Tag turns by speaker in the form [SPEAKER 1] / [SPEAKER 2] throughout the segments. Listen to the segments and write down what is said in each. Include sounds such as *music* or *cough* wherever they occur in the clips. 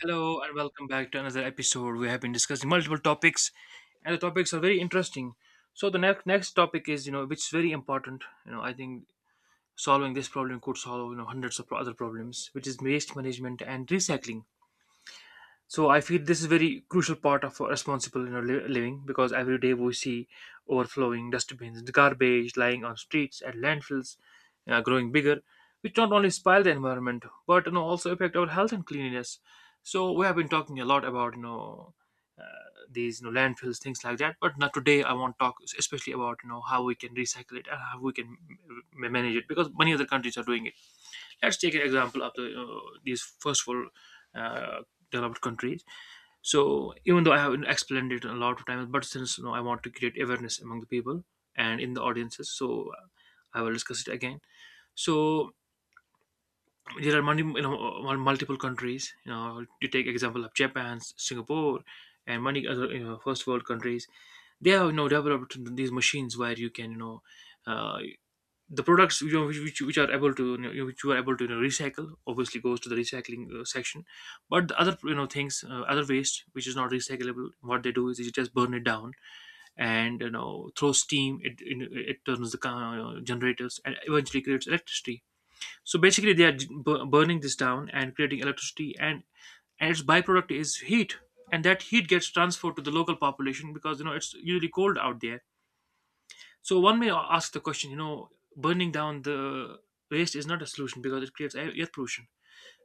[SPEAKER 1] Hello and welcome back to another episode. We have been discussing multiple topics, and the topics are very interesting. So the next topic is which is very important. I think solving this problem could solve hundreds of other problems, which is waste management and recycling. So I feel this is very crucial part of responsible living, because every day we see overflowing dustbins, garbage lying on streets, and landfills growing bigger, which not only spoil the environment but also affect our health and cleanliness. So we have been talking a lot about uh, these landfills, things like that, but now today I want to talk especially about how we can recycle it and how we can manage it, because many other countries are doing it. Let's take an example of the these first world uh, developed countries. So even though I have explained it a lot of times, but since I want to create awareness among the people and in the audiences, so I will discuss it again. So there are many, multiple countries. You know, you take example of Japan, Singapore, and many other first world countries. They have developed these machines where you can Uh, the products which are able to which you are able to recycle obviously goes to the recycling section. But the other things, other waste which is not recyclable, what they do is you just burn it down and throw steam. It turns the car, you generators, and eventually creates electricity. So basically they are burning this down and creating electricity, and its byproduct is heat, and that heat gets transferred to the local population because it's usually cold out there. So one may ask the question, burning down the waste is not a solution because it creates air pollution.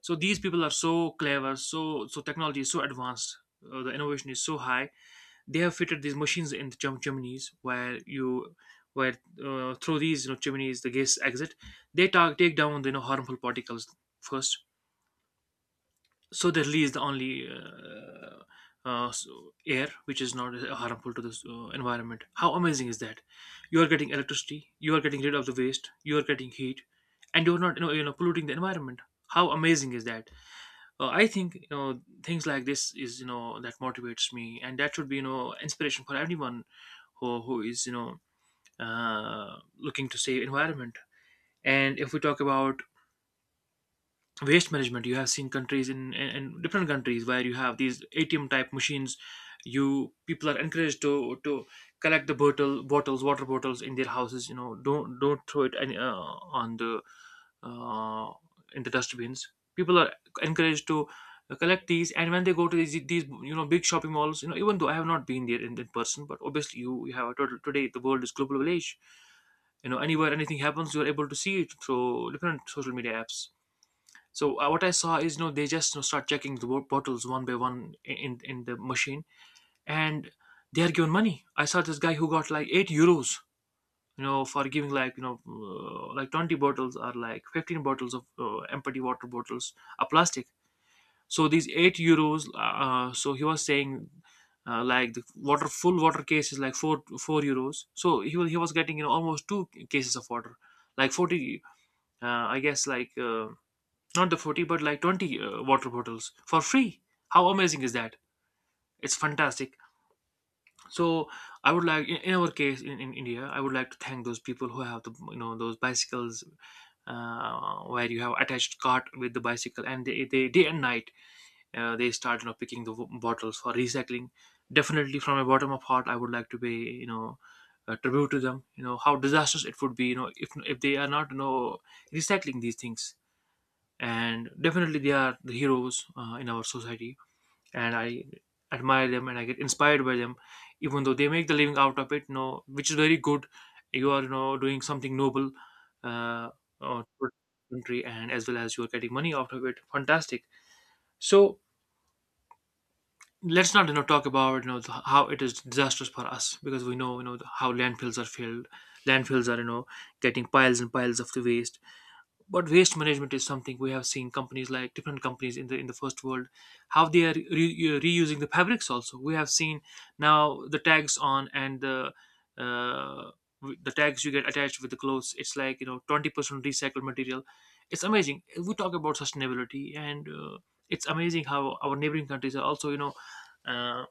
[SPEAKER 1] So these people are so clever, so technology is so advanced, the innovation is so high. They have fitted these machines in the chimneys, where you where through these chimneys the gas exit. They take down the harmful particles first, so they release the only uh, s- air which is not harmful to the environment. How amazing is that? You are getting electricity, you are getting rid of the waste, you are getting heat, and you're not polluting the environment. How amazing is that? I think things like this is that motivates me, and that should be inspiration for everyone who is looking to save environment. And if we talk about waste management, you have seen countries in different countries where you have these ATM type machines. You people are encouraged to collect the bottles, water bottles, in their houses. Don't throw it on the uh, in the dustbins. People are encouraged to collect these, and when they go to these big shopping malls, even though I have not been there in person, but obviously you have a total, today the world is global village. Anywhere anything happens, you're able to see it through different social media apps. So what I saw is, they just start checking the bottles one by one in the machine, and they are given money. I saw this guy who got like €8, for giving like like 20 bottles or like 15 bottles of empty water bottles, a plastic. So these €8. So he was saying. Like the water, full water case is like four euros. So he was getting almost two cases of water, like 40, I guess like not the 40, but like 20 water bottles for free. How amazing is that? It's fantastic. So I would like, in our case in India, I would like to thank those people who have the those bicycles, where you have attached cart with the bicycle, and they day and night, they start picking the bottles for recycling. Definitely from a bottom of heart, I would like to pay you know a tribute to them. How disastrous it would be, if they are not recycling these things. And definitely they are the heroes in our society, and I admire them and I get inspired by them, even though they make the living out of it, which is very good. You are doing something noble, uh, for the country, and as well as you are getting money out of it. Fantastic. So let's not talk about how it is disastrous for us, because we know how landfills are filled. Landfills are getting piles and piles of the waste. But waste management is something, we have seen companies, like different companies in the first world, how they are reusing the fabrics. Also, we have seen now the tags on and the uh, the tags you get attached with the clothes. It's like 20% recycled material. It's amazing. We talk about sustainability, and it's amazing how our neighboring countries are also Uh,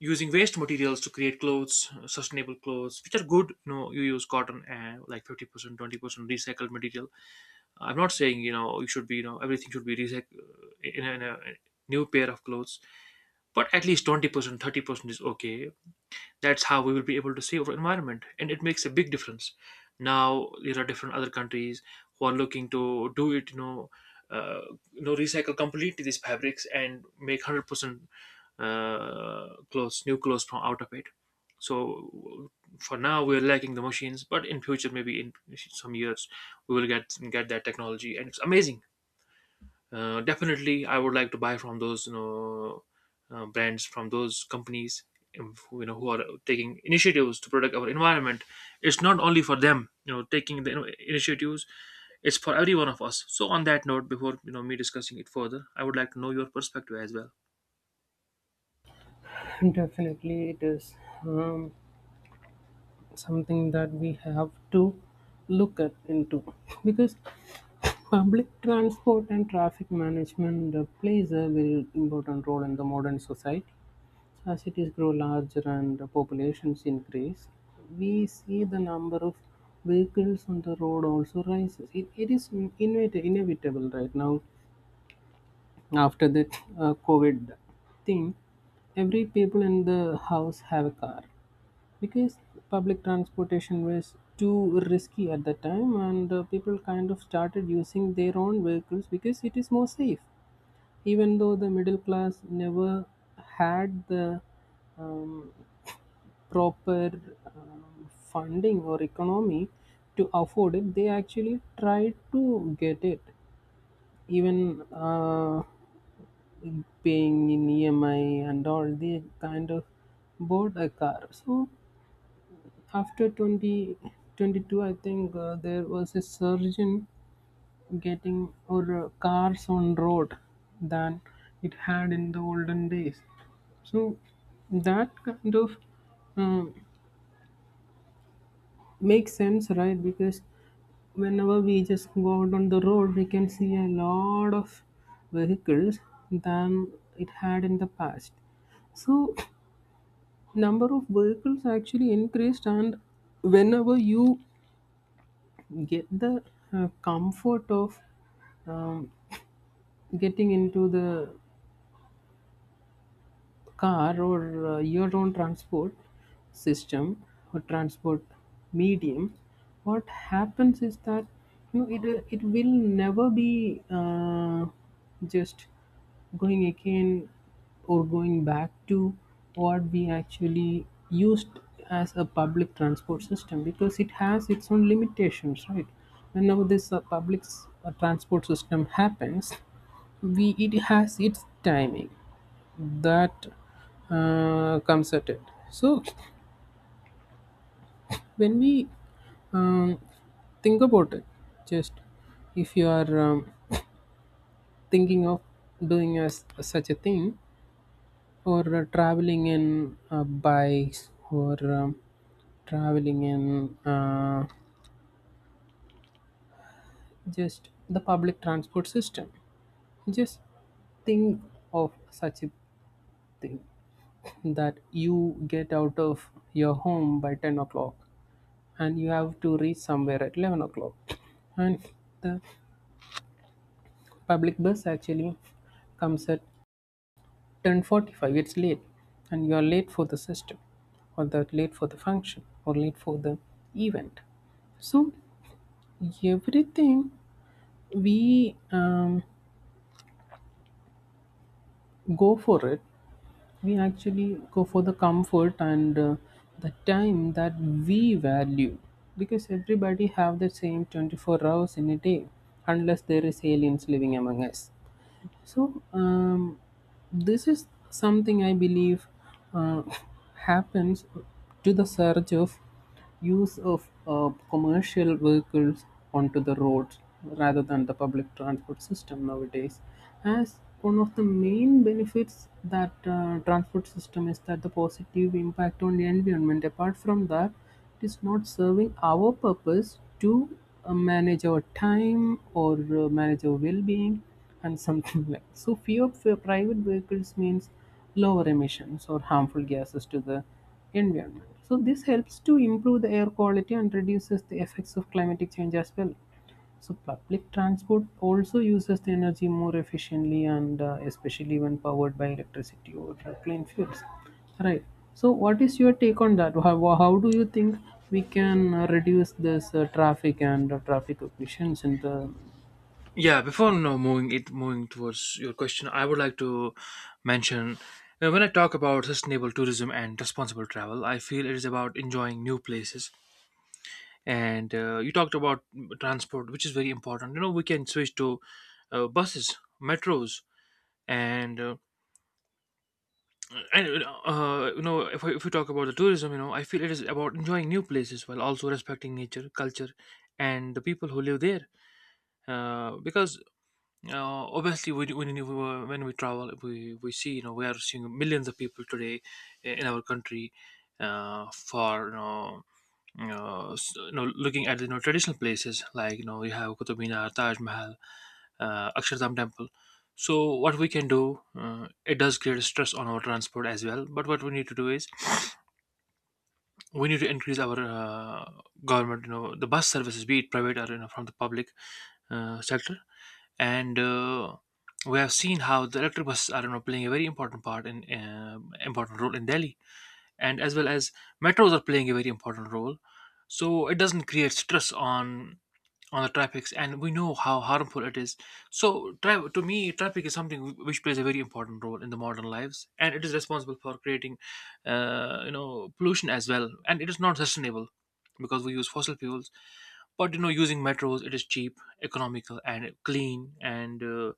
[SPEAKER 1] using waste materials to create clothes, sustainable clothes which are good. You use cotton and like 50% 20% recycled material. I'm not saying you should be, everything should be in a new pair of clothes, but at least 20%, 30% is okay. That's how we will be able to save our environment, and it makes a big difference. Now there are different other countries who are looking to do it, uh, recycle completely these fabrics and make 100% clothes, new clothes, from out of it. So for now we're lacking the machines, but in future, maybe in some years, we will get that technology. And it's amazing. Definitely, I would like to buy from those brands, from those companies, who, who are taking initiatives to protect our environment. It's not only for them, taking the initiatives. It's for every one of us. So on that note, before me discussing it further, I would like to know your perspective as well.
[SPEAKER 2] Definitely, it is um, something that we have to look at into because public transport and traffic management plays a very important role in the modern society. As cities grow larger and the populations increase, we see the number of vehicles on the road also rises. It is inevitable right now after that COVID thing. Every people in the house have a car because public transportation was too risky at that time, and people kind of started using their own vehicles because it is more safe. Even though the middle class never had the um, proper um, funding or economy to afford it, they actually tried to get it, even paying in emi and all. They kind of bought a car. So after 2022, I think there was a surge in getting or cars on road than it had in the olden days. So that kind of um makes sense, right? Because whenever we just go out on the road, we can see a lot of vehicles than it had in the past. So number of vehicles actually increased, and whenever you get the comfort of um, getting into the car or your own transport system or transport medium, what happens is that, you know, it it will never be, just going again or going back to what we actually used as a public transport system, because it has its own limitations, right? Whenever this transport system happens, we it has its timing that comes at it. So when we um, think about it, just if you are thinking of doing as such a thing, or traveling in bikes, or traveling in just the public transport system, just think of such a thing that you get out of your home by 10 o'clock and you have to reach somewhere at 11 o'clock, and the public bus actually comes at 10:45. It's late, and you are late for the system, or that late for the function, or late for the event. So everything we go for it, we actually go for the comfort and the time that we value, because everybody have the same 24 hours in a day, unless there is aliens living among us. So, this is something I believe uh, *laughs* happens to the surge of use of commercial vehicles onto the roads rather than the public transport system nowadays. As one of the main benefits that transport system is that the positive impact on the environment. Apart from that, it is not serving our purpose to manage our time or manage our well-being and something *laughs* like. So fewer private vehicles means lower emissions or harmful gases to the environment, so this helps to improve the air quality and reduces the effects of climatic change as well. So public transport also uses the energy more efficiently, and especially when powered by electricity or clean fuels. Right. So what is your take on that? How do you think we can reduce this traffic and traffic collisions in the
[SPEAKER 1] Yeah, before moving towards your question, I would like to mention, when I talk about sustainable tourism and responsible travel, I feel it is about enjoying new places. And you talked about transport, which is very important. We can switch to buses, metros, and, uh, and if we talk about the tourism, I feel it is about enjoying new places while also respecting nature, culture, and the people who live there. Because obviously we when we travel, we see, we are seeing millions of people today in our country, for you know, looking at the traditional places, like you have Qutub Minar, Taj Mahal, Akshardham Temple. So what we can do, it does create stress on our transport as well. But what we need to do is, we need to increase our government, the bus services, be it private or from the public sector. And we have seen how the electric buses are playing a very important part in important role in Delhi, and as well as metros are playing a very important role, so it doesn't create stress on the traffic. And we know how harmful it is. So to me, traffic is something which plays a very important role in the modern lives, and it is responsible for creating pollution as well, and it is not sustainable because we use fossil fuels. But using metros, it is cheap, economical, and clean, and uh,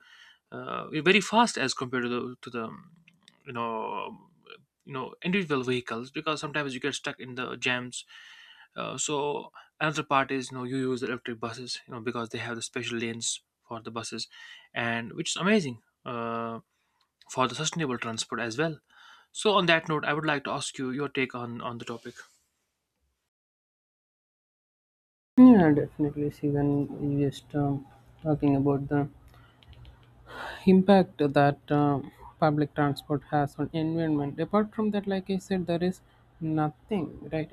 [SPEAKER 1] uh, very fast as compared to the you know um, individual vehicles, because sometimes you get stuck in the jams. So another part is, you use electric buses, because they have the special lanes for the buses, and which is amazing, uh, for the sustainable transport as well. So on that note, I would like to ask you your take on the topic.
[SPEAKER 2] Yeah, definitely. See, when you just talking about the impact that public transport has on environment. Apart from that, like I said, there is nothing, right?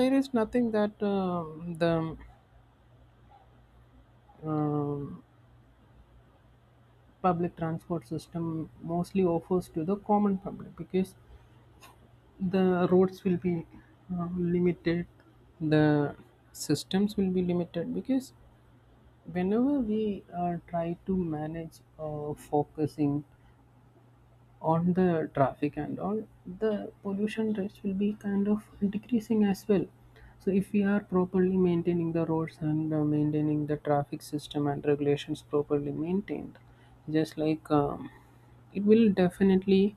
[SPEAKER 2] There is nothing that the um public transport system mostly offers to the common public, because the roads will be limited, the systems will be limited, because whenever we try to manage focusing on the traffic and all, the pollution rates will be kind of decreasing as well. So if we are properly maintaining the roads and maintaining the traffic system and regulations properly maintained, just like, it will definitely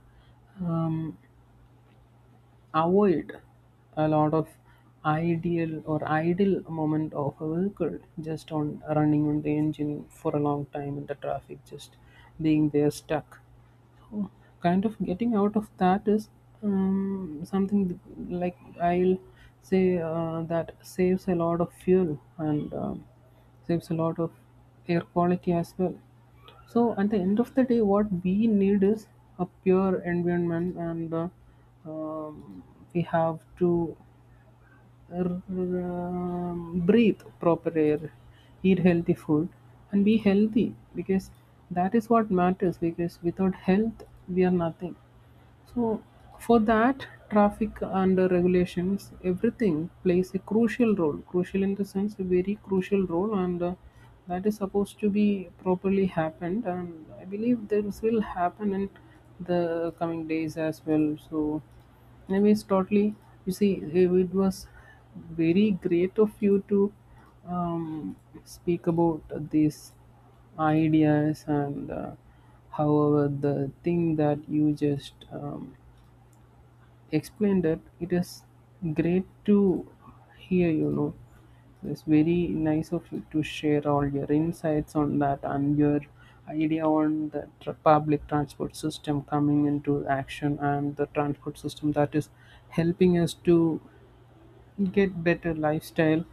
[SPEAKER 2] um, avoid a lot of ideal or idle moment of a vehicle just on running on the engine for a long time in the traffic, just being there stuck. Oh, kind of getting out of that is something like, I'll say that saves a lot of fuel and saves a lot of air quality as well. So at the end of the day, what we need is a pure environment, and um, we have to breathe proper air, eat healthy food, and be healthy, because that is what matters. Because without health, we are nothing. So, for that, traffic and regulations, everything plays a crucial role. Crucial in the sense, a very crucial role, and that is supposed to be properly happened. And I believe this will happen in the coming days as well. So, anyways, totally. You see, it was very great of you to um, speak about these ideas, and however the thing that you just he explained, that it is great to hear, you know. It's very nice of you to share all your insights on that, and your idea on the public transport system coming into action, and the transport system that is helping us to get better lifestyle,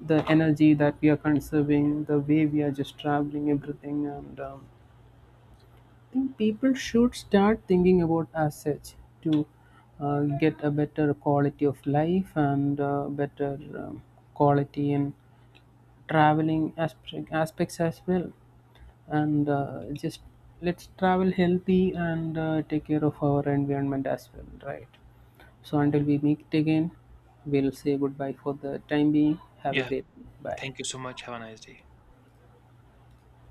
[SPEAKER 2] the energy that we are conserving, the way we are just traveling, everything. And think people should start thinking about as such to get a better quality of life and better um, quality in aspects as well, and just let's travel healthy and take care of our environment as well, right? So until we meet again, we'll say goodbye for the time being. Have a
[SPEAKER 1] Yeah,
[SPEAKER 2] great day. Bye.
[SPEAKER 1] thank you so much. Have a nice day.